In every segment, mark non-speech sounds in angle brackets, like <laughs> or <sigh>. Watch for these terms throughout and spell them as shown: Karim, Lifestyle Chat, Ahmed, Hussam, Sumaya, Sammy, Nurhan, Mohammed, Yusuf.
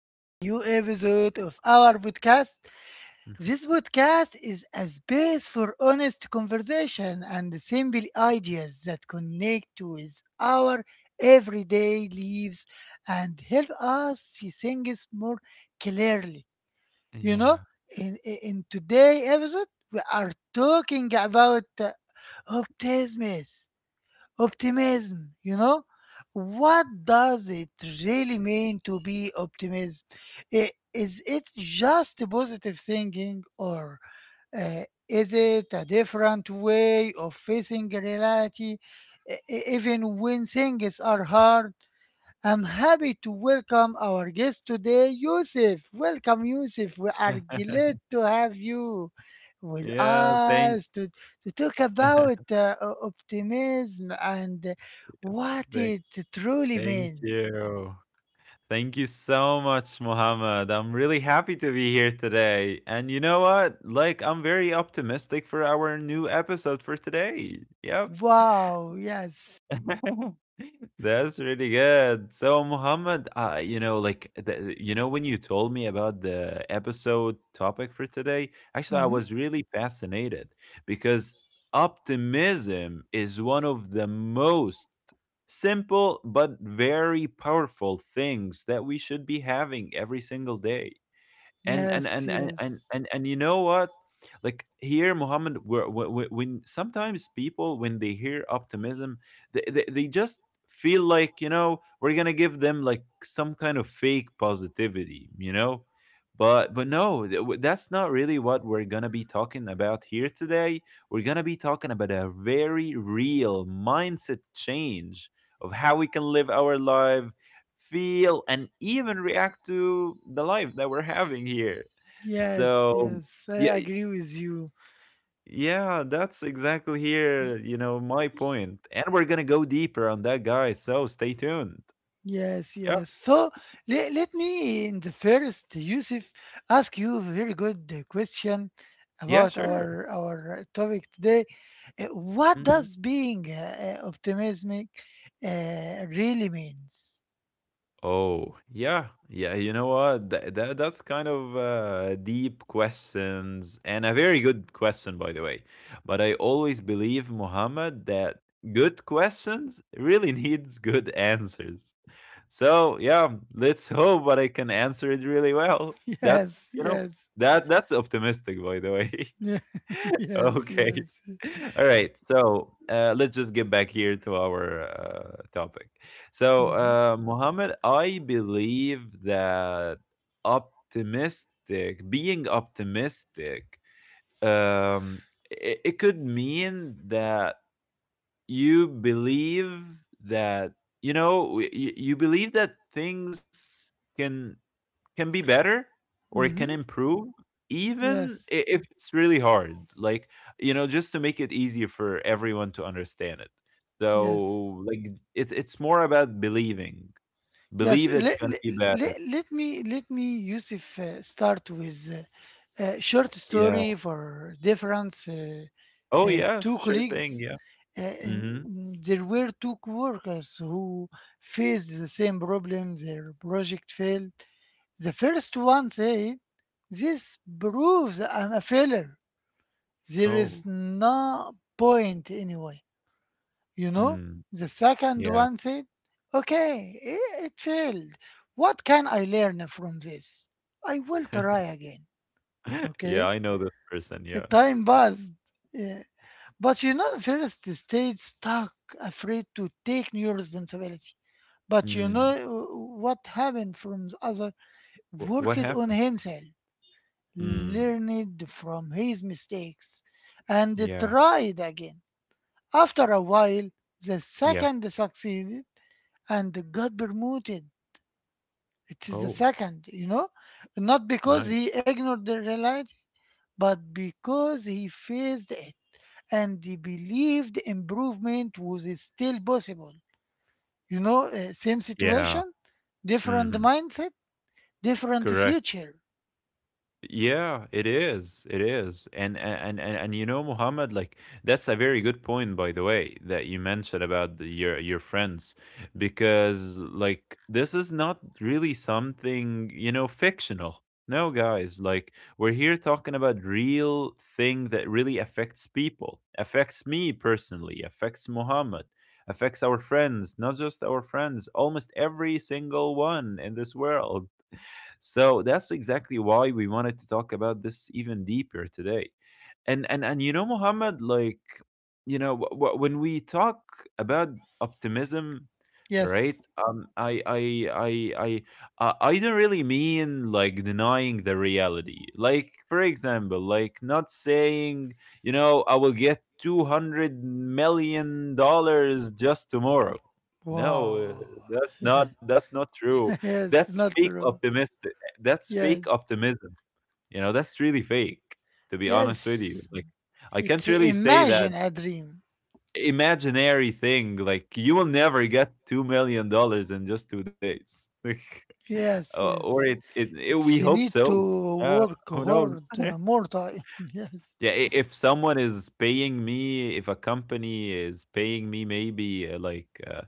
in new episode of our podcast. This podcast is a space for honest conversation and simple ideas that connect with our everyday lives and help us see things more clearly. You know, Yeah. in today episode we are talking about optimism. Optimism, what does it really mean to be optimism? I- Is it just a positive thinking, or uh, is it a different way of facing reality, even when things are hard? I'm happy to welcome our guest today, Yusuf. Welcome, Yusuf. We are glad to have you with Yeah, thank us to, talk about optimism and what thank it truly thank means. you. Thank you so much, Mohammed. I'm really happy to be here today. And you know what? Like I'm very optimistic for our new episode for today. Yep. Wow, yes. <laughs> That's really good. So, Mohammed, you know, when you told me about the episode topic for today, actually, I Mhm. was really fascinated because optimism is one of the most simple but very powerful things that we should be having every single day and and Yes, and and and yes. and, and you know what, like here, Muhammad, when sometimes people, when they hear optimism, they just feel like, you know, we're going to give them like some kind of fake positivity, you know, but no that's not really what we're going to be talking about here today. We're going to be talking about a very real mindset change of how we can live our life, feel, and even react to the life that we're having here. Yes, So, yes. yeah, I agree with you. yeah, that's exactly here, you know, my point. And we're gonna go deeper on that, guys. So stay tuned. Yes, Yeah, yes. So, let me in the first, Yusuf, ask you a very good question yeah, about sure. our topic today. What Mhm. does being optimistic really means? Oh, yeah. Yeah, you know what? That's kind of deep questions and a very good question, by the way. But I always believe, Muhammad, that good questions really <laughs> needs good answers. So yeah, let's hope that I can answer it really well. <laughs> Yes, That's you know yes. That's optimistic, by the way. <laughs> <laughs> Yes, Okay, yes. <laughs> all right. So let's just get back here to our topic. So Mm-hmm. Mohammed, I believe that being optimistic, um, it could mean that you believe that, you know, you believe that things can be better or it can Mm-hmm. improve, even Yes, if it's really hard. Like, you know, just to make it easier for everyone to understand it, yes. so like it's more about believing, Yes. believe it's let, going to be let, better. let me let me Yusuf, start with a short story Yeah. for difference, Oh yeah, two sure thing. colleagues. Yeah. And Mhm. there were two coworkers who faced the same problem. Their project failed. The first one said, "This proves I'm a failure. There is Oh. no point anyway." You know, Mm, the second yeah. one said, Okay, it failed. What can I learn from this? I will try <laughs> again. Okay, Yeah, I know this person. the Yeah. time passed. Yeah. But first stayed stuck, afraid to take new responsibility. But Mm. uh, what happened from the other? What Worked on happened? himself, Mm. learned from his mistakes, and Yeah. tried again. After a while, the Yeah. second succeeded and got promoted. It is the Oh, second, not because nice. he ignored the reality, but because he faced it and he believed improvement was still possible. Same Yeah. situation, different Mhm. mindset, different Correct. future. Yeah, it is. It is. And you know, Muhammad, like that's a very good point, by the way, that you mentioned about your friends, because like this is not really something, you know, fictional. No, guys, like we're here talking about real thing that really affects people, affects me personally, affects Muhammad, affects our friends, not just our friends, almost every single one in this world. So that's exactly why we wanted to talk about this even deeper today. And you know, Muhammad, like, you know, when we talk about optimism, right? Yes. I I I don't really mean like denying the reality. Like, for example, like not saying, you know, I will get 200 million dollars just tomorrow. No, Wow. that's <laughs> not, true. Yes. <laughs> Yes, That's not fake true. optimistic, that's fake Yes. optimism. You know, that's really fake, to be honest with you. Yes. Like, I can't It's really <laughs> say imagine that a dream. imaginary thing. Like, you will never get $2 million dollars in just 2 days. <laughs> Like, Yes, or yes. We It's hope need so. to Yeah, work who knows? hard, <laughs> more time. <laughs> Yes. Yeah, if someone is paying me, if a company is paying me maybe uh, like uh,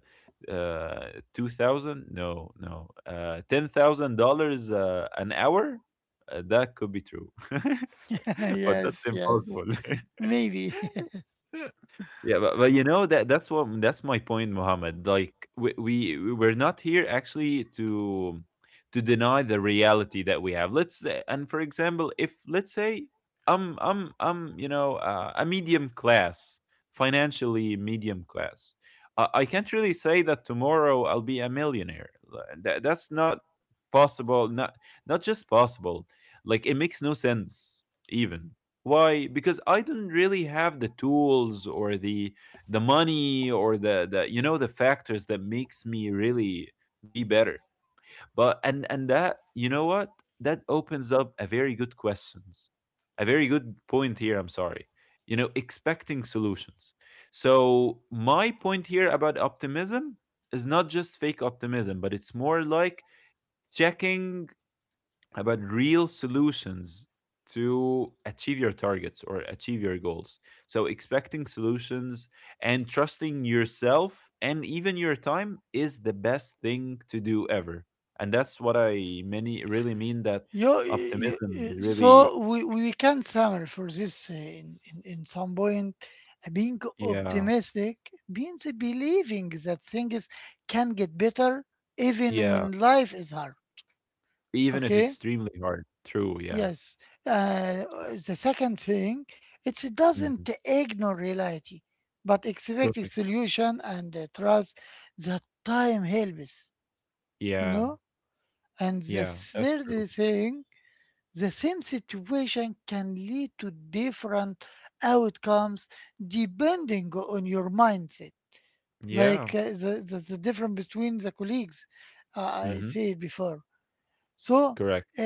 uh, 2000, no, no, $10,000 an hour, that could be true. <laughs> <laughs> <laughs> But that's Yes, yes. impossible. <laughs> Maybe. <laughs> Yeah, but you know that's my point, Mohammed. Like we, we're not here actually to deny the reality that we have. Let's say, and for example, if let's say I'm you know, a medium class, financially medium class, I can't really say that tomorrow I'll be a millionaire. Like, that's not possible. Not just possible. Like it makes no sense even. Why? Because I don't really have the tools or the money or the, you know, the factors that makes me really be better. But and that, you know what? That opens up a very good questions. A very good point here, I'm sorry. You know, expecting solutions. So my point here about optimism is not just fake optimism, but it's more like checking about real solutions to achieve your targets or achieve your goals. So, expecting solutions and trusting yourself and even your time is the best thing to do ever. And that's what I many really mean. That you, you, optimism you- is really, so we can summarize for this, in some point. Being yeah, optimistic means believing that things can get better even yeah, when life is hard. even if Okay? extremely hard. True, yeah. Yes. Uh, the second thing, it Hmm. doesn't ignore reality, but expecting Correct. solution and trust that time helps, you Yeah, know? And yeah, the that's third true. thing, the same situation can lead to different outcomes depending on your mindset. Yeah, Like, the difference between the colleagues, I hmm, said before. So, correct. uh,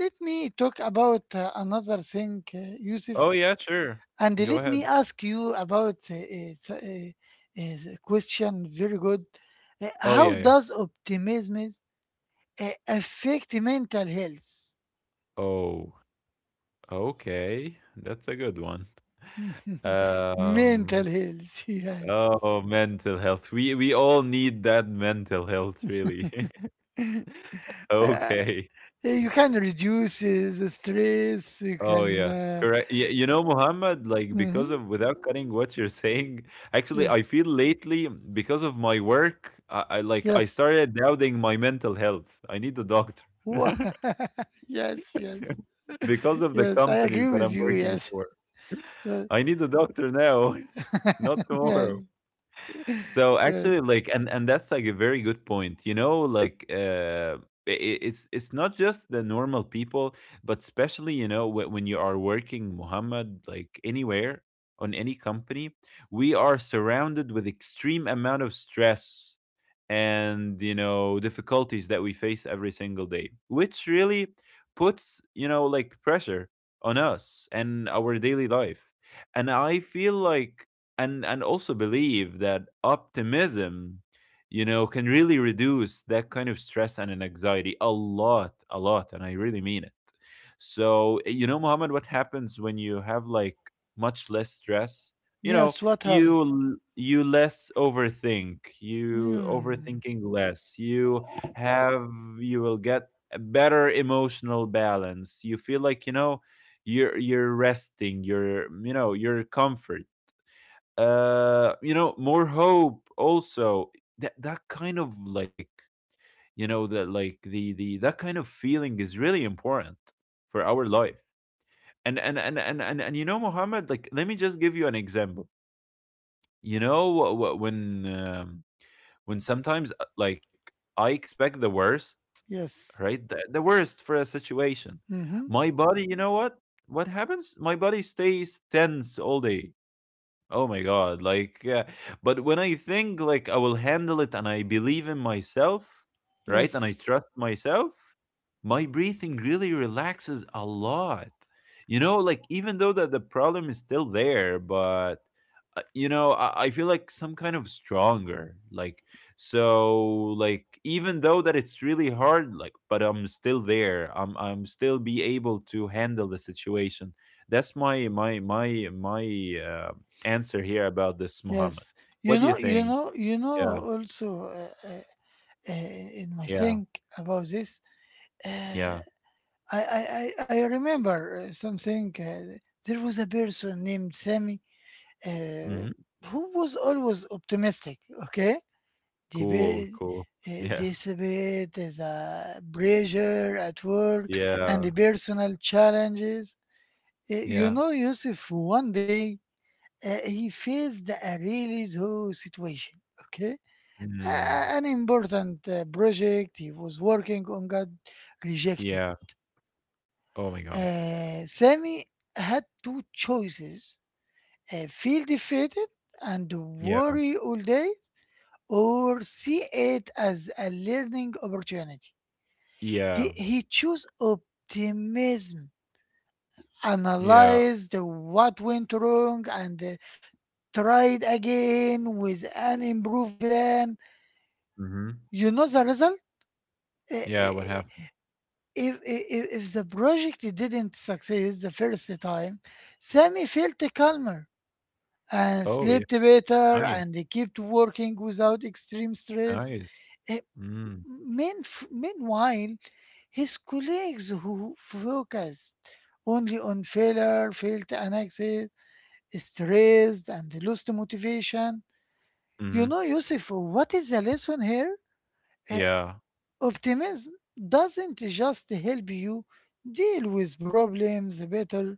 let me talk about another thing, Oh, Yusuf, yeah, sure. and Go let me ahead. ask you about the question. Very good. Uh, Oh, how yeah, yeah. does optimism affect mental health? Oh. Okay, that's a good one. Mental Um, health, <laughs> yes. oh, mental health. We all need that mental health, really. <laughs> Uh, uh, Okay. you can reduce the stress. You Oh can. yeah. Correct. Yeah, you know, Muhammad, like because Mhm. of, without cutting what you're <laughs> saying, actually I Yes. feel lately because of my work, I like I Yes. started doubting my mental health. I need a doctor. <laughs> <laughs> Yes. Yes. Because of the Yes, I companies agree that with I'm you. working Yes. for. Uh, I need a doctor now, <laughs> not yeah, tomorrow. So yeah. actually, like, and that's like a very good point. You know, like, I it's not just the normal people, but especially, you know, when you are working, Muhammad, like anywhere on any company, we are surrounded with extreme amount of stress and, you know, difficulties that we face every single day, which really puts, you know, like pressure on us and our daily life. And I feel like and also believe that optimism, you know, can really reduce that kind of stress and an anxiety a lot, a lot, and I really mean it. So, eh, you know, Muhammad, what happens when you have like much less stress, you know? Yes, what happened? You less overthink, you Hmm. overthinking less, you have, you will get a better emotional balance. You feel like, you know, you're resting, you're, you know, your comfort, you know, more hope also. That kind of like, you know, that like the that kind of feeling is really important for our life. And you know, Muhammad, like, let me just give you an example. You know, when sometimes like, I expect the worst, Yes. right? The worst for a situation. Mm-hmm. My body, you know what? What happens? My body stays tense all day. Oh my god, like, but when I think like I will handle it and I believe in myself, right? And I Yes. trust myself, my breathing really relaxes a lot. You know, like even though that the problem is still there, but you know, I feel like some kind of stronger. Like, so like even though that it's really hard, like but I'm still there. I'm still be able to handle the situation. That's my my my my uh, answer here about this, Muhammad. Yes. You What do you know, you think? know, you know, Yeah, also uh, uh, in my yeah, think about this, yeah. uh, I remember something. There was a person named Sammy, uh, Hmm. who was always optimistic, okay? Cool, Debate, cool. <laughs> Yeah, despite the pressure at work and yeah, the personal challenges. Yeah. Yusuf, one day, he faced a really slow situation, okay? Mm, An important, project he was working on got rejected. yeah. Oh my God. Sammy had two choices: feel defeated and Yeah, worry all day, or see it as a learning opportunity. He, yeah, he chose optimism, yeah. analyzed what went wrong, and tried again with an improved plan. Hmm. You know the result? I- Yeah. What i- happened? If, if the project didn't succeed the first time, Sammy felt calmer and Oh yeah. slept better Nice, and he kept working without extreme stress. nice. Eh, Mm, Meanwhile, his colleagues who focused only on failure felt anxious, stressed, and lost motivation. hmm. You know, Yusuf, what is the lesson here? Uh, Yeah. Optimism doesn't just help you deal with problems better,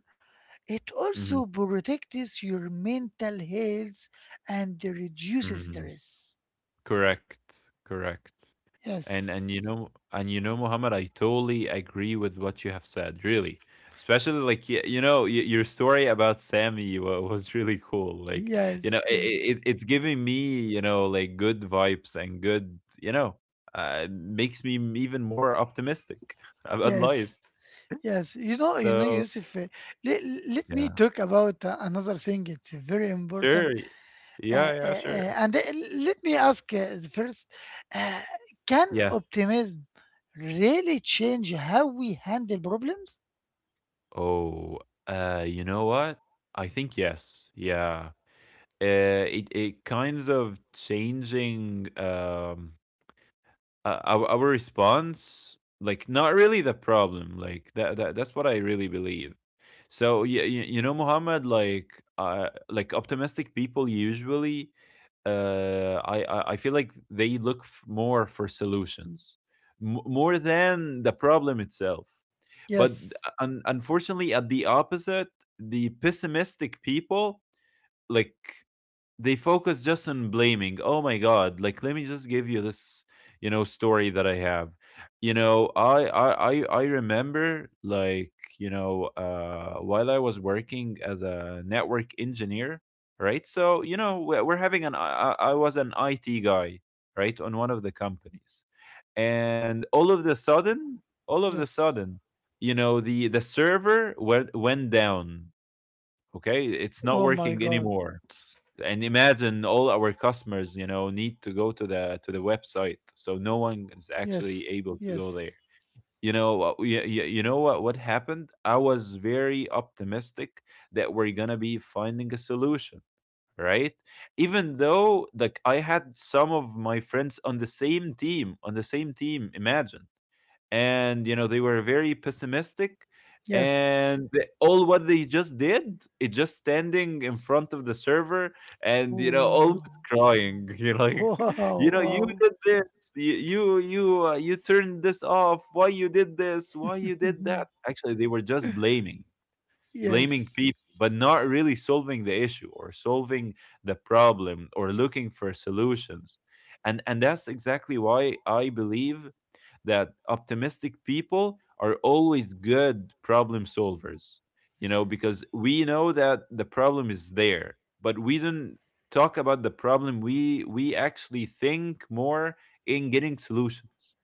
it Hmm. also protects your mental health and reduces Hmm. stress. Correct, correct. And Yes. and you know, Muhammad, I totally agree with what you have said, really. Especially S- like you know, your story about Sammy was really cool. Like, you Yes, know, yes, it it's giving me, you know, like good vibes and good, you know, makes me even more optimistic <laughs> about life. yes, yes. So Yusuf, let, let me yeah, talk about another thing. It's very important. sure, yeah, yeah, sure, And Let me ask the first, uh, can yeah. optimism really change how we handle problems? Oh, you know what? I think yes, yeah. It it kinds of changing, um, our response, like not really the problem. Like that that's what I really believe. So yeah, you know, Muhammad, like, like optimistic people usually, I feel like they look more for solutions, more than the problem itself. But Yes, unfortunately, at the opposite, the pessimistic people, like, they focus just on blaming. Oh my god, like let me just give you this, you know, story that I have. You know, I remember like, you know, while I was working as a network engineer, right? So, you know, we're having an I was an IT guy, right, on one of the companies. And all of the sudden, all of the yes. sudden, you know, the server went down, okay? It's not Oh my working God. anymore, and imagine all our customers need to go to the website. So no one is actually Yes, able to go there. yes, You know what happened? I was very optimistic that we're gonna be finding a solution, right? Even though, like, I had some of my friends on the same team, on the same team, imagine. And you know, they were very pessimistic. yes. And all what they just did is just standing in front of the server and, you know, almost Oh, crying <laughs> <laughs> wow, You wow. did this. You turned this off. Why you did this, why you did that? Actually, they were just blaming <laughs> blaming Yes. people but not really solving the issue or solving the problem or looking for solutions. And that's exactly why I believe that optimistic people are always good problem solvers, you know, because we know that the problem is there, but we don't talk about the problem. We actually think more in getting solutions.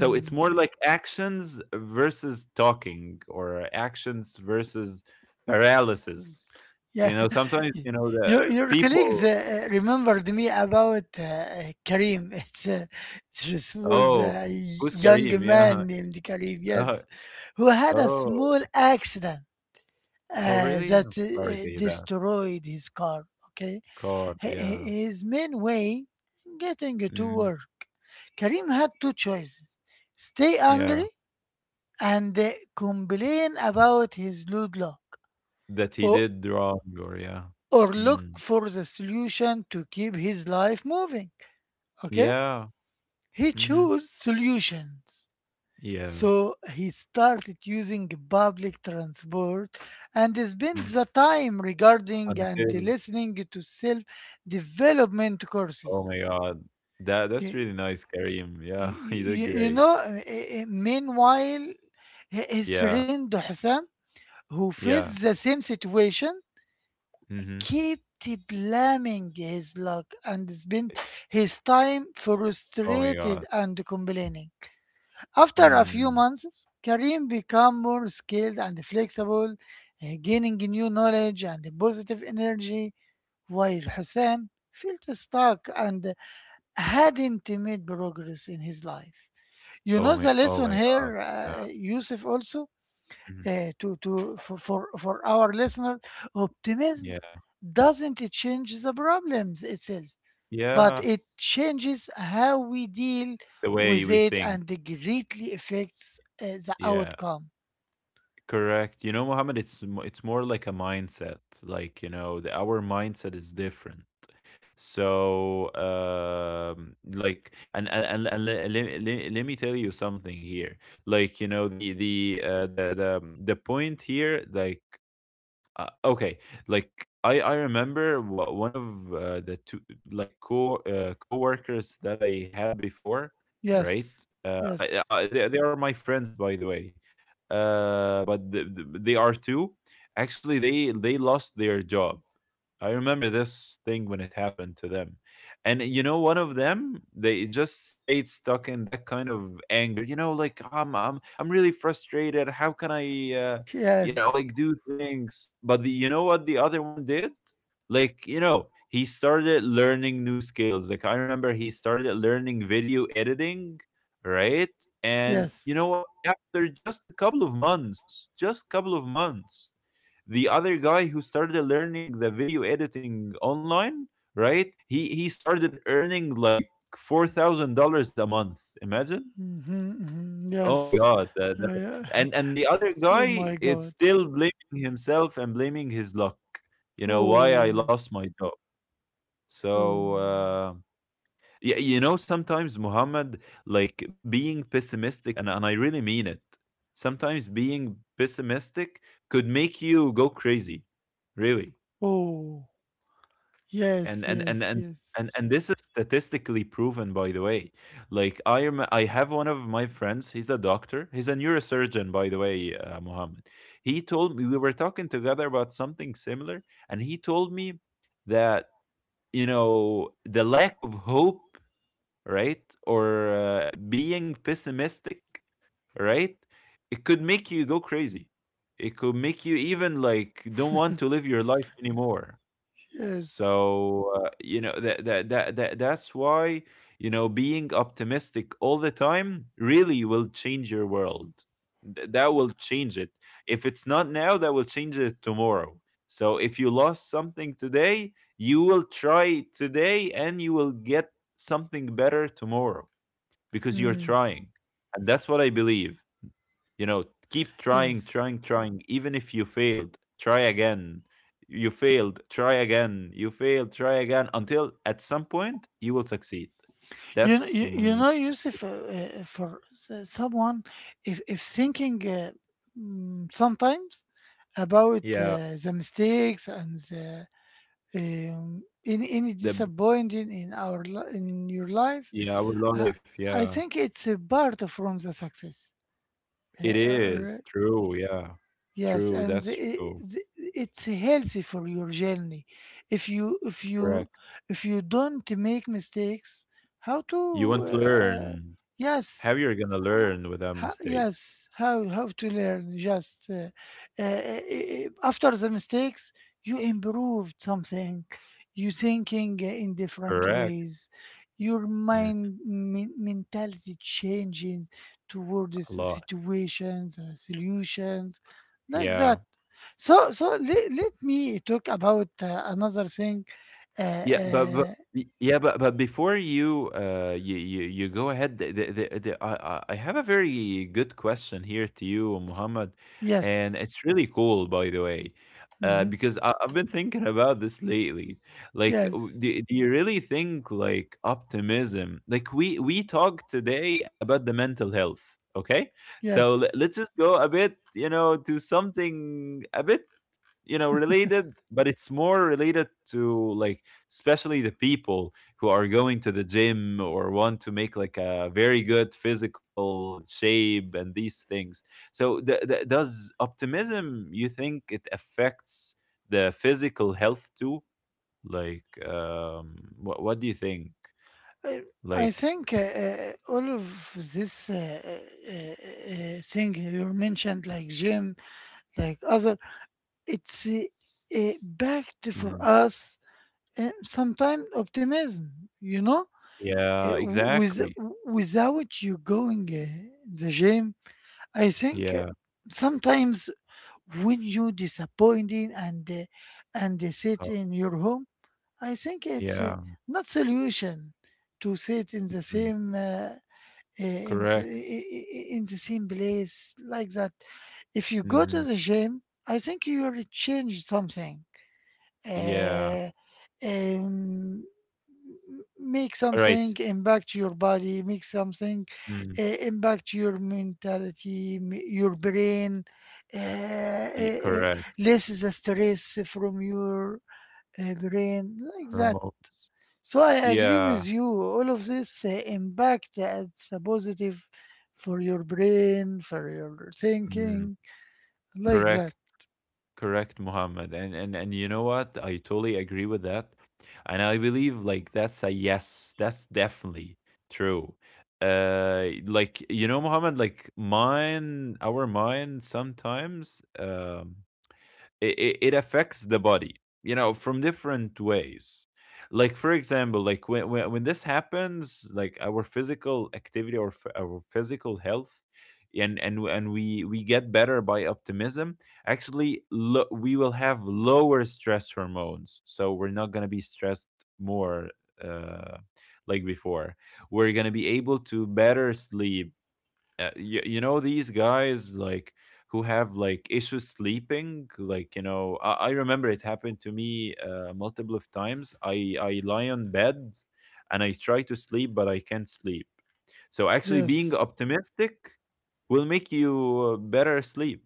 So it's more like actions versus talking, or actions versus paralysis. Yeah, You know, sometimes, <laughs> you know, the your colleagues people. Remembered me about Karim. <laughs> It's this was Oh, a who's young Kareem? Yeah. man named Karim, Uh, yes, who had a oh, small accident, oh, really? that I'm sorry to hear that. destroyed his car. Okay. Card, H- h- yeah. his main way getting to Mhm. work. Karim had two choices: stay Yeah. angry and complain about his load luck, That he did wrong, or yeah. or look Mm. for the solution to keep his life moving. Okay? Yeah. He Mhm. chose solutions. Yeah. So he started using public transport and spent Mm. the time regarding and Until, listening to self development oh courses. my god. That's You, really nice, Kareem. Yeah, <laughs> he did great. Meanwhile, his Yeah. friend Hussam, who faced Yeah. the same situation, Mhm. kept blaming his luck and spent his time Oh my frustrated god. and complaining. After a few Mm. months, Karim became more skilled and flexible, gaining new knowledge and positive energy, while Hussam felt stuck and hadn't made progress in his life. You know Oh the my oh lesson my god. here, Yeah. Yusuf, also? Mhm. To for our listener, optimism Yeah. doesn't change the problems itself, but Yeah. it changes how we deal The with way we it, and think. it greatly affects the Yeah. outcome. Correct. You know, Mohammed, it's more like a mindset. Like, you know, our mindset is different. So, like, let me tell you something here. Like, you know, the point here, like, okay, like, I remember what one of the two like co coworkers that I had before, Yes, right? Yes, I, they are my friends, by the way, but they are two. Actually, they lost their job. I remember this thing when it happened to them. And you know, one of them, they just stayed stuck in that kind of anger. You know, like, I'm really frustrated. How can I you yes, know, like, do things? But you know what the other one did? Like, you know, he started learning new skills. Like, I remember he started learning video editing, right? And yes. you know what, after just a couple of months, just couple of months, the other guy who started learning the video editing online, right, he started earning like $4,000 a month. Imagine. Hmm, hmm. Oh my Yes. god, Oh, yeah. and the <laughs> other Oh guy, my it's God. still blaming himself and blaming his luck. You know, why I Oh, lost my job. So, oh, yeah. You know, sometimes, Muhammad, like, being pessimistic, and I really mean it. Sometimes being pessimistic could make you go crazy, really. oh, And yes, and and yes, and yes, and this is statistically proven, by the way. Like, I have one of my friends. He's a doctor. He's a neurosurgeon, by the way, Mohammed. He told me, we were talking together about something similar, and he told me that, you know, the lack of hope, right, or being pessimistic, right, it could make you go crazy. It could make you even like don't want to live your life anymore. yes. So, you know, that's why, you know, being optimistic all the time really will change your world. That will change it. If it's not now, that will change it tomorrow. So, if you lost something today, you will try today and you will get something better tomorrow, because you're Mm, trying. And that's what I believe. You know, keep trying, yes. trying, trying. Even if you failed, try again. You failed, try again. You failed, try again. Until at some point you will succeed. You, kn- That's you mm, know, Yusuf, for someone, if thinking, sometimes about yeah, the mistakes and the, any the disappointing in in your life, yeah, our uh, life. I Yeah, think it's a part of from the success. it Uh, r- is true. Yeah, yes, true. and That's true. It's healthy for your journey. If you if you Correct. if you don't make mistakes, how You want to to, learn. How yes, you're gonna uh, learn without mistakes? yes, how to learn? Just, uh, uh, after the mistakes, you improved something. You thinking in different Correct. ways. Your Mm, mentality changes a towards the lot. situations, solutions, like Yeah. that. So let me talk about another thing. Uh, Yeah, uh, yeah, but before you you go ahead, the, I have a very good question here to you, Muhammad, and yes. it's really cool, by the way. Hmm. Because I've been thinking about this lately. Like, Yes. Do you really think, like, optimism? Like, we talked today about the mental health. Okay, so Yes. let's just go a bit, you know, to something a bit, you know, related, but it's more related to, like, especially the people who are going to the gym or want to make, like, a very good physical shape and these things. So does optimism, you think, it affects the physical health too? Like, what do you think? I I Like, think all of this, thing you mentioned, like gym, like other, it's backed for mm, us, sometimes optimism, you know? Uh, yeah, with, exactly. Without you going the gym, I think Yeah, sometimes when you disappointed and uh, sit in your home, I think it's yeah. not solution to sit in the Mm, same. In the, correct. I- In the same place, like that, if you go to Mm, the gym, I think you already changed something. yeah. uh, um, Make All right. something impact your body, make something Mm, uh, impact your your brain, uh, uh, correct. uh, less the stress from your, brain, like that. Hormones. So I agree Yeah. with you. All of this impact it's a positive for your brain, for your Mm. thinking, like Correct. that. Correct, Muhammad. And you know what? I totally agree with that. And I believe, like, that's a yes. That's definitely true. Like, you know, Muhammad, like, mine our mind sometimes, it affects the body, you know, from different ways. Like, for example, like, when this happens, like, our physical activity or our physical health, and we get better by optimism. Actually, we will have lower stress hormones, so we're not going to be stressed more, uh like before. We're going to be able to better sleep. You know, these guys, like, who have, like, issues sleeping, like, you know, I remember it happened to me multiple of times. I lie on bed and I try to sleep, but I can't sleep. So actually being Yes. optimistic will make you better sleep.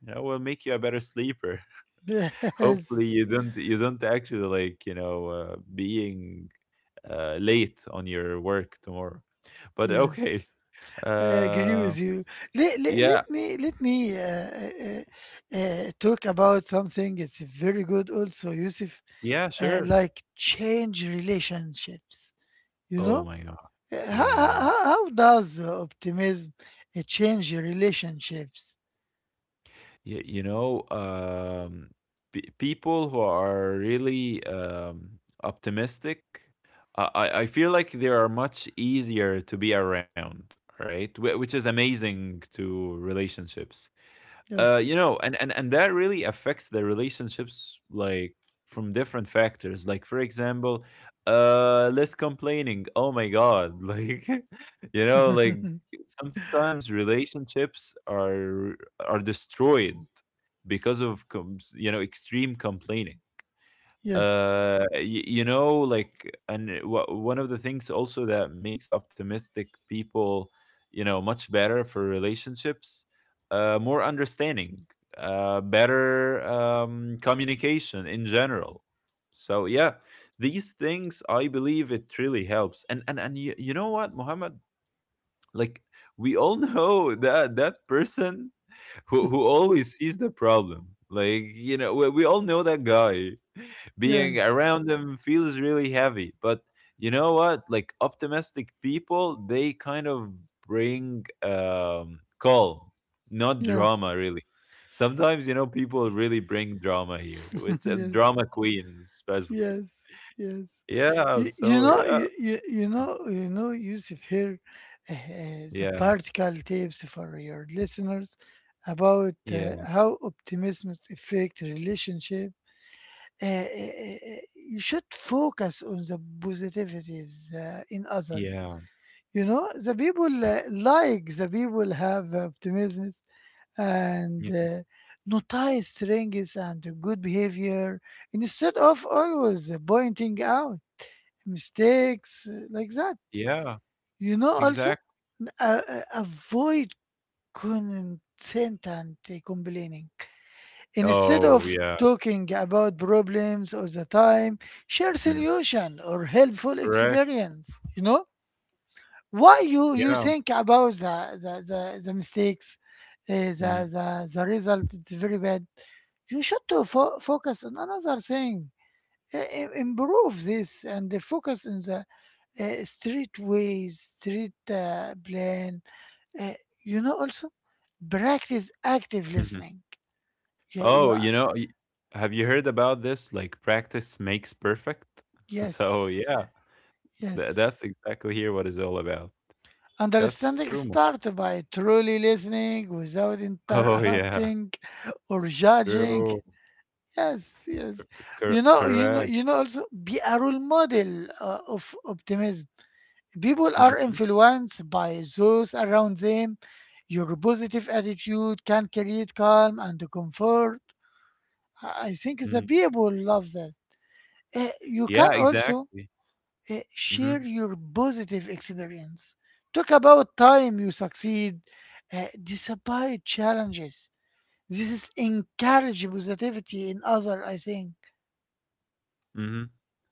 You know, will make you a better sleeper <laughs> <laughs> Yes, hopefully you don't actually, like, you know, being late on your work tomorrow. But yes. okay. I agree uh, with you. Let, let, yeah. let me let me talk about something. It's very good, also, Yusuf. Yeah, sure. Like change relationships. You Oh know, my god. Uh, how, how, Yeah. how how does optimism change relationships? You know, people who are really optimistic, I feel like they are much easier to be around, right? Which is amazing to relationships. You Yes. know, and that really affects the relationships, like, from different factors. Like, for example, less complaining. Oh my god, <laughs> like, you know, like, sometimes relationships are destroyed because of you know, extreme complaining. Yes, You know, like, and one of the things also that makes optimistic people, you know, much better for relationships, more understanding, better communication in general. So yeah, these things, I believe, it really helps. And you know what, Muhammad, like, we all <laughs> know that person who always sees the problem. Like, you know, we all know that guy. Being yes, around them feels really heavy, but, you know what, like, optimistic people, they kind of bring calm, not yes, drama, really. Sometimes, you know, people really bring drama here, <laughs> which, yes, drama queens especially. yes, yes. Yeah. You So know, yeah, you, you know, Yusuf, here, the yeah, practical tips for your listeners about yeah, how optimism affect relationship. You should focus on the positivities, in other. yeah, The people, like the people have optimism, and yeah, notice strengths and good behavior, instead of always pointing out mistakes, like that. yeah, Also, exactly. Avoid consent and complaining. Instead Oh of yeah. talking about problems all the time, share Mm, solution or helpful correct. experience. You know why you Yeah. think about the mistakes, uh, the, Mhm. the the result. It's very bad. You should to focus on another thing, improve this, and focus on the, street ways, street, plan. Uh, also, practice active Mhm. listening. You, Oh, you, you know, have you heard about this? Like, practice makes perfect. <laughs> So yes, yeah, yes. that's exactly here what it's all about. That's true. Understanding Mo. <laughs> start by truly listening without Oh yeah, interrupting or judging. true. Yes, Cor- yes. Correct. Also, be a role model of optimism. People are Hmm. influenced by those around them. Your positive attitude can create calm and comfort. I think the Hmm. people love that. You Yeah, can also exactly. Share Hmm. your positive experience. Talk about time you succeed, despite challenges. This is encourage positivity in other. I think Hmm.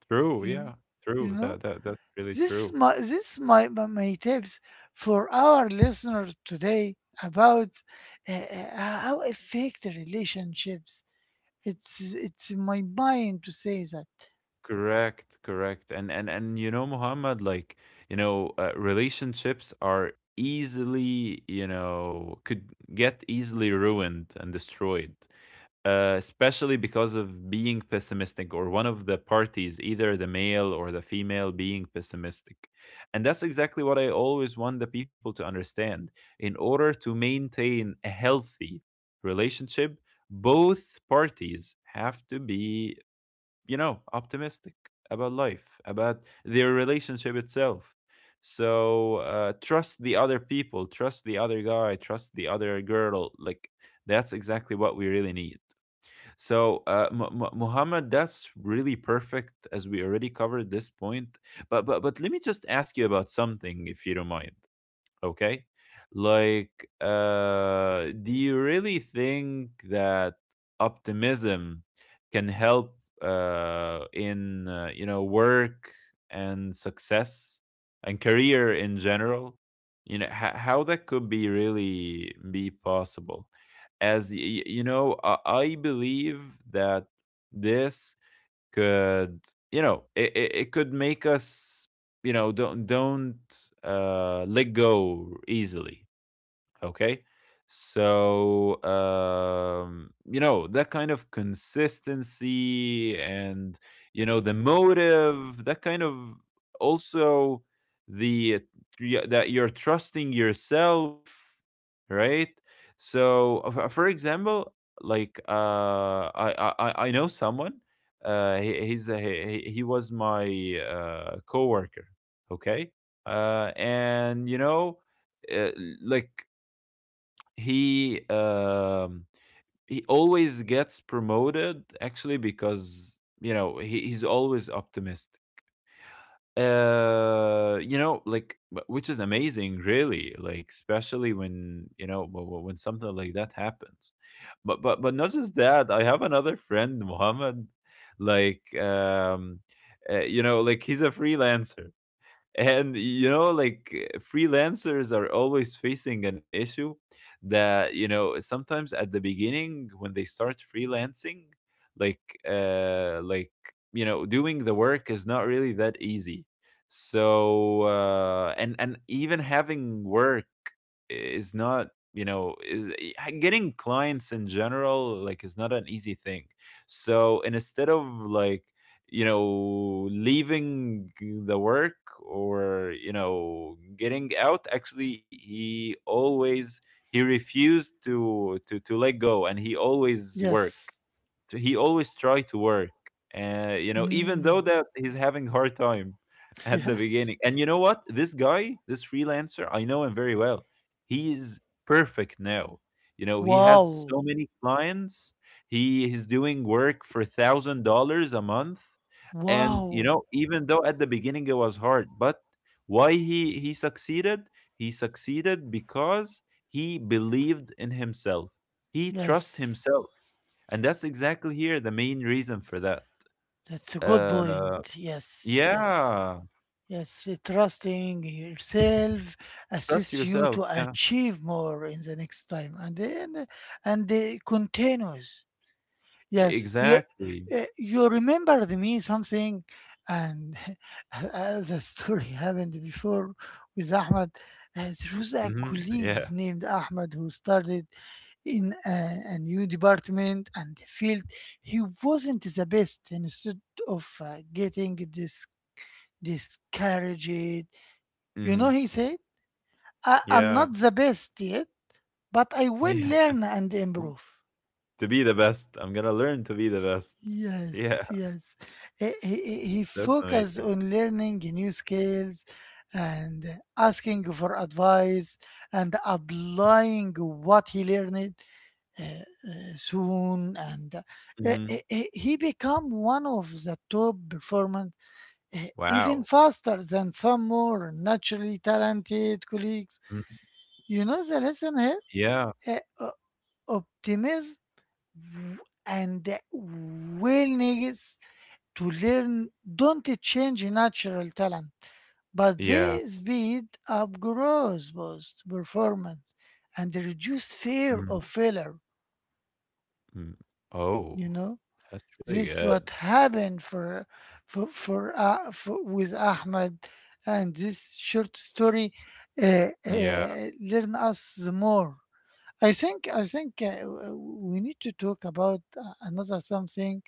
True. you, Yeah, you true. know. That's really This is true. my this is my, my, my tips for our listeners today about how affect the relationships. It's in my mind to say that. Correct, correct. And you know, Muhammad, like, you know, relationships are easily, you know, could get easily ruined and destroyed. Especially because of being pessimistic, or one of the parties, either the male or the female, being pessimistic. And that's exactly what I always want the people to understand. In order to maintain a healthy relationship, both parties have to be, you know, optimistic about life, about their relationship itself. So trust the other people, trust the other guy, trust the other girl. Like, that's exactly what we really need. So, Muhammad, that's really perfect, as we already covered this point. But let me just ask you about something, if you don't mind. Okay. Like, do you really think that optimism can help in you know, work and success and career in general? You know, how that could be really be possible? As you know, I believe that this could, you know, it could make us, you know, don't let go easily. Okay. So, you know, that kind of consistency and, you know, the motive, that kind of, also, the yeah, that you're trusting yourself, right? So, for example, like, I know someone. He, he's a, he was my coworker. Okay, and uh, like he he always gets promoted actually because he, he's always optimistic you know like which is amazing, really, like especially when you know when something like that happens. But not just that, I have another friend, Mohammed, like um like he's a freelancer. And you know like freelancers are always facing an issue that, you know, sometimes at the beginning when they start freelancing, like uh like you know, doing the work is not really that easy. So and even having work is, not is, getting clients in general like is not an easy thing. So, and instead of like, you know, leaving the work, or, you know, getting out, actually, he always, he refused to let go, and he always worked. Yes. So he always try to work, you know, even though Mm, that he's having hard time at the beginning. <laughs> yes. And you know what? This guy, this freelancer, I know him very well. He is perfect now. You know, he has Wow. so many clients. He is doing work for $1,000 a month, and you know, Wow. even though at the beginning it was hard, but why he succeeded? He succeeded because he believed in himself. He trust Yes. himself, and that's exactly here the main reason for that. That's a good Uh, point. Yes. Yes. yeah, Yes. Trusting yourself trust assists you yourself. to Yeah, achieve more in the next time, and then and continues. Yes, you exactly. You remembered me something, and <laughs> as a story <laughs> happened before with Ahmed. There was a Hmm. colleague Yeah. named Ahmed who started in a new department and the field. He wasn't the best. And instead of getting discouraged, you know, Hmm. he said, "I'm Yeah. not the best yet, but I will Yeah. learn and <laughs> improve." To be the best, I'm gonna learn to be the best. Yeah, Yes, yes. He that's focused amazing. on learning new skills and asking for advice and applying what he learned soon. And Hmm. he become one of the top performers, even Wow. faster than some more naturally talented colleagues. Mhm. You know the lesson here? Yeah. Uh, o- Optimism and willingness to learn don't change natural talent, but Yeah. they speed up growth, boost performance, and reduce Mhm. fear of failure. mm Oh, You know, that's really this is good. what happened for with Ahmed, and this short story Yeah. Learn us the more. I think I think uh, w- we need to talk about another something,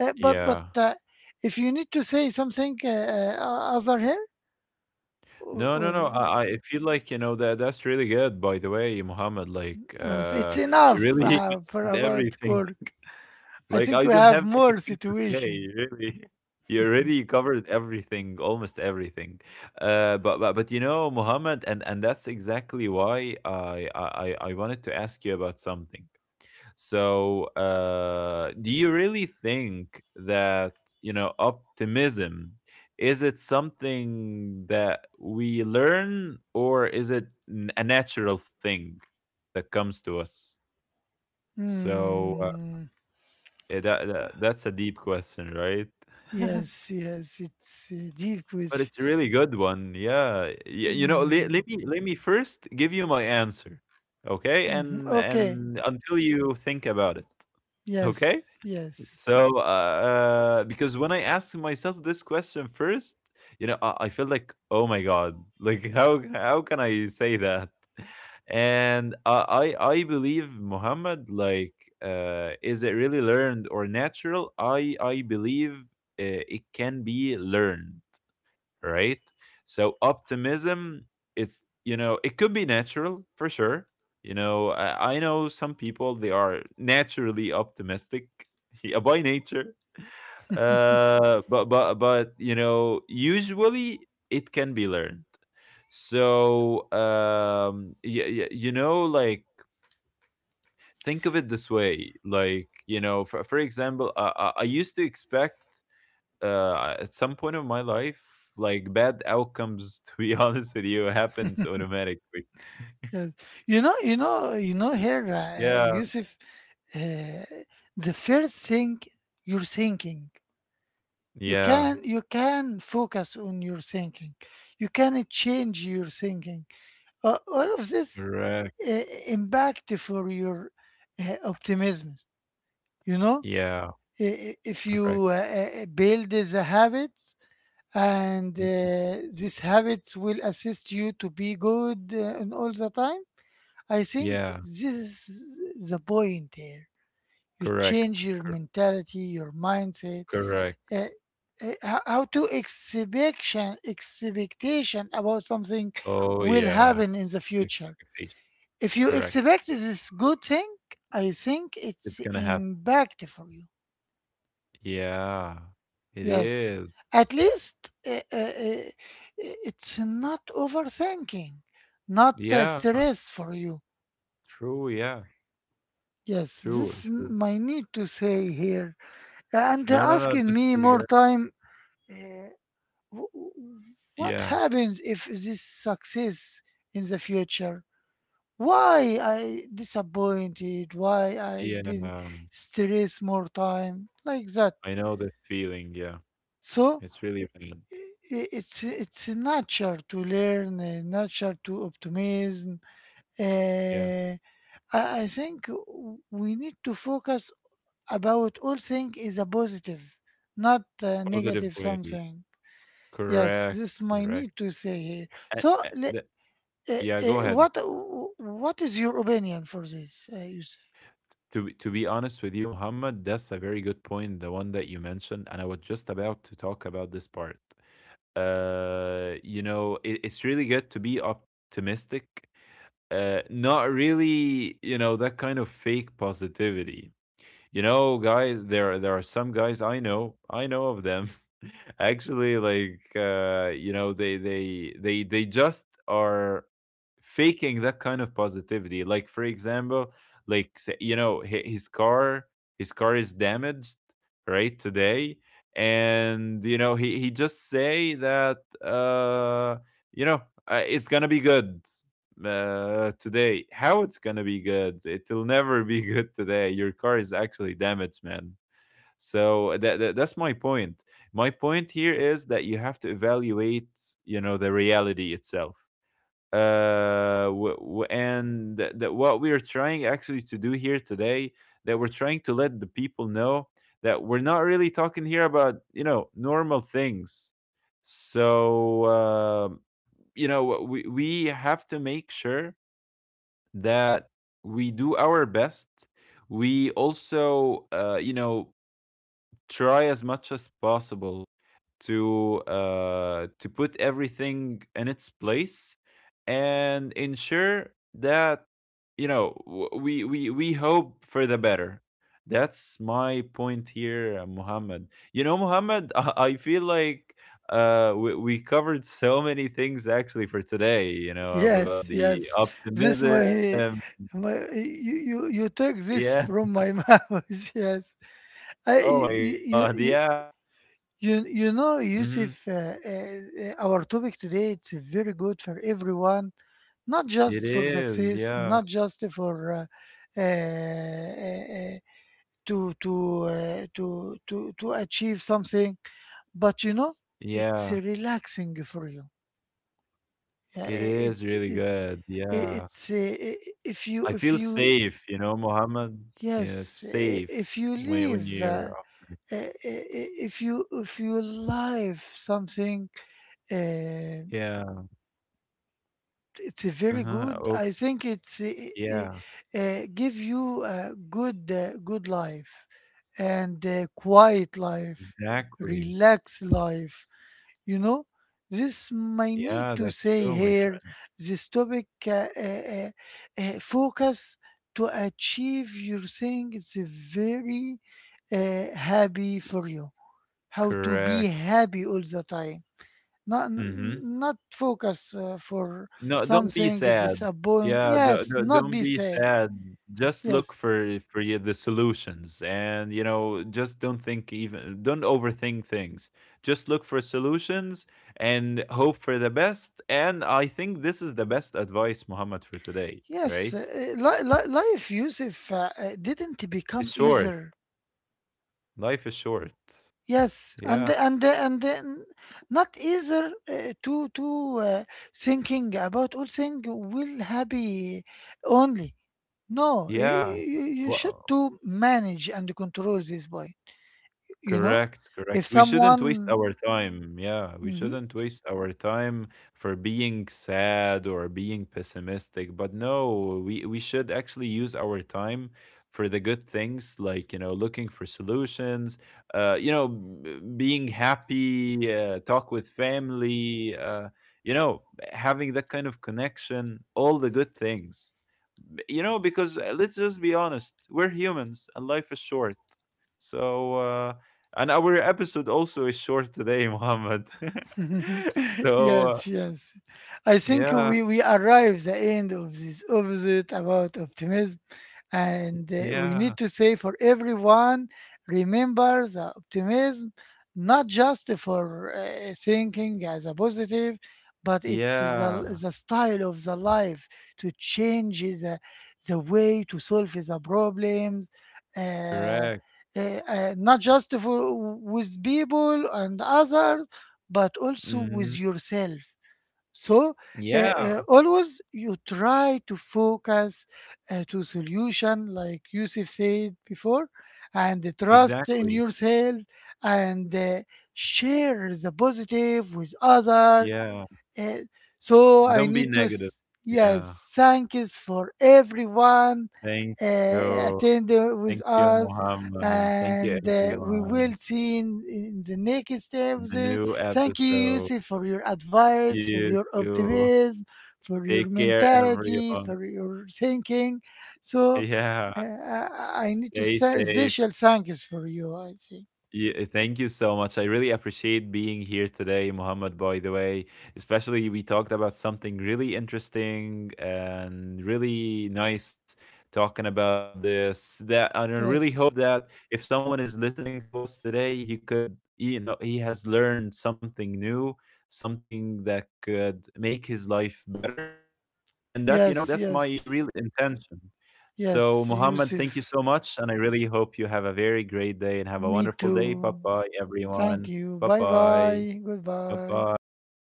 but Yeah. If you need to say something other here, or, No, no, no. or I feel like, you know, that that's really good. By the way, Muhammad, uh, s- it's you enough really <laughs> for mentioned about everything. Cork. I Like think I we don't have have more anything to situation. say. Really, <laughs> you already covered everything, almost everything. But you know, Muhammad, and that's exactly why I wanted to ask you about something. So, do you really think that, you know, optimism, is it something that we learn, or is it a natural thing that comes to us? So, Hmm. That, that's a deep question, right? <laughs> Yes, yes, it's a deep But question. it's a really good one. Yeah. You know, let Mm, let me let me first give you my answer, okay? Mhm, And okay. until you think about it, okay? Yes, yes, So, because when I asked myself this question first, you know, I felt like, oh my god, <laughs> like how can I say that? And I believe, Muhammad, like, is it really learned or natural? I believe it can be learned, right? So optimism, it's, you know, it could be natural for sure. You know, I know some people, they are naturally optimistic, <laughs> yeah, by nature, but you know, usually it can be learned. So you know, like think of it this way, like, you know, for example, I used to expect, at some point of my life, like bad outcomes, to be <laughs> honest with you, happens automatically. yes. You know, you know, you know. Here, Yeah. Yusuf, uh, the first thing you're thinking, Yeah. You can focus on your thinking, you can change your thinking. All of this Correct. uh, impact for your optimism, you know. Yeah. If you Correct. uh, uh, build the habits, and Mm. These habits will assist you to be good, and all the time. I think Yeah. this is the point here. You Correct. change your mentality, your mindset, Correct. uh, how to expectation, expectation about something Oh will yeah. happen in the future. Expectation. If you Correct. expect this good thing, I think It's it's gonna happen. impact for you. Yeah. It Yes, is. at least it's not overthinking, not Yeah. stress for you. True. Yeah. Yes, True. this True. is my need to say here, and No. No. No. asking Just me really more good. time. uh, Wh- What Yeah. happens if this success in the future? Why I disappointed? Why I Yeah. did stress more time like that? I know the feeling. Yeah. So It's really bad. It's nature to learn, a nature to optimism. Yeah. Uh, I think we need to focus about all things is a positive, not a Positive negative way. something. Yes, Correct, this is my need correct. to say here. And, So uh, le- the- Uh, yeah, uh, go ahead. what what is your opinion for this, Yusuf? To be honest with you, Muhammad, that's a very good point, the one that you mentioned, and I was just about to talk about this part. You know, it's really good to be optimistic. Not really, you know, that kind of fake positivity. You know, guys, there are some guys I know of them. <laughs> Actually, you know, they just are faking that kind of positivity. Like for example, like say, you know, his car is damaged right today, and you know he just say that you know it's gonna be good today. How it's gonna be good? It'll never be <laughs> good today. Your car is actually damaged, man. So that that's my point. My point here is that you have to evaluate, you know, the reality itself. And that that what we are trying actually to do here today, that we're trying to let the people know that we're not really talking here about, you know, normal things. So you know, we have to make sure that we do our best. We also, you know, try as much as possible to put everything in its place and ensure that, you know, we hope for the better. That's my point here, Muhammad. You know, Muhammad, <laughs> I feel like we covered so many things actually for today. You know, about Yes, the yes. This optimism. my my, you took this Yeah. from my <laughs> mouth. Yes. Oh I my you god, you yeah. you you You know, Mhm. Yusuf, our topic today it's very good for everyone, not It just for is, success, yeah. not just for uh, uh, uh, to to to achieve something. But you know, it's Yeah, relaxing for you. Yeah, it is really good, i- yeah. it's uh, i- I feel if you safe, you know, Mohammed? Yeah, yes, safe if you when you're live uh, if you live something, uh, yeah. it's a very Uh-huh. Oh, good. I think it's yeah, give you a good, good life, and a quiet life, exactly. relaxed life, you know. This my need Yeah, to that's say true, my here. friend. This topic focus to achieve your thing, it's a very happy for you. How to be Correct. happy all the time, not Mhm. Not focus for No, don't be something sad. disappoint. Yeah, do Yes, do not don't be be sad. sad. Just look Yes, for you the solutions, and you know, just don't think, even don't overthink things. Just look for solutions and hope for the best. And I think this is the best advice, Muhammad, for today. yes. Right? Life, Yusuf, didn't It's become short. easier. Life is short. Yes, and Yeah, and then not easier to thinking about all thing will happy only. No, you, yeah. you Wha. you should to manage and control this boy. You know, Correct, if correct. We shouldn't waste someone. our time. Yeah, we Mhm. shouldn't waste our time for being sad or being pessimistic. But no, we should actually use our time for the good things, like, you know, looking for solutions, you know, being happy, talk with family, you know, having that kind of connection, all the good things. You know, because let's just be honest, we're humans and life is short, so, and our episode also is short today, Mohammed. <laughs> <laughs> So, Yes, yes. I think yeah, we arrive the end of this opposite about optimism. And we need yeah, to say for everyone, remember the optimism, not just for thinking as a positive, but it's yeah, the style of the life to change the way to solve the problems. Uh, correct. uh, not just for with people and others, but also Hmm. with yourself. So Yeah, always you try to focus to solution, like Yusuf said before, and trust in exactly. yourself, and share the positive with other. Yeah, Eh, so I don't be need to, negative. Yeah, yes, thank yous for everyone thank you. attending Thank with you, us, Mohammed. Thank you, and we will everyone. see in the next In the episode. new Thank you, episode, Yusuf, for your advice, for you your too. optimism, for your Take care, mentality, everyone. for your thinking. <laughs> So Yeah, uh, I I need to stay say safe. special thank yous for you. I think Yeah, thank you so much. I really appreciate being here today, Muhammad, by the way. Especially, we talked about something really interesting and really nice talking about this. That and I really yes, hope that if someone is listening to us today, he could, you know, he has learned something new, something that could make his life better. And that's, you know, yes, that's my yes, real intention. So, yes, Muhammad, thank you Yusuf. so much. And I really hope you have a very great day and have a Me wonderful day. Bye too. bye, Thank everyone. you. Bye Bye bye. bye. Bye Goodbye. bye.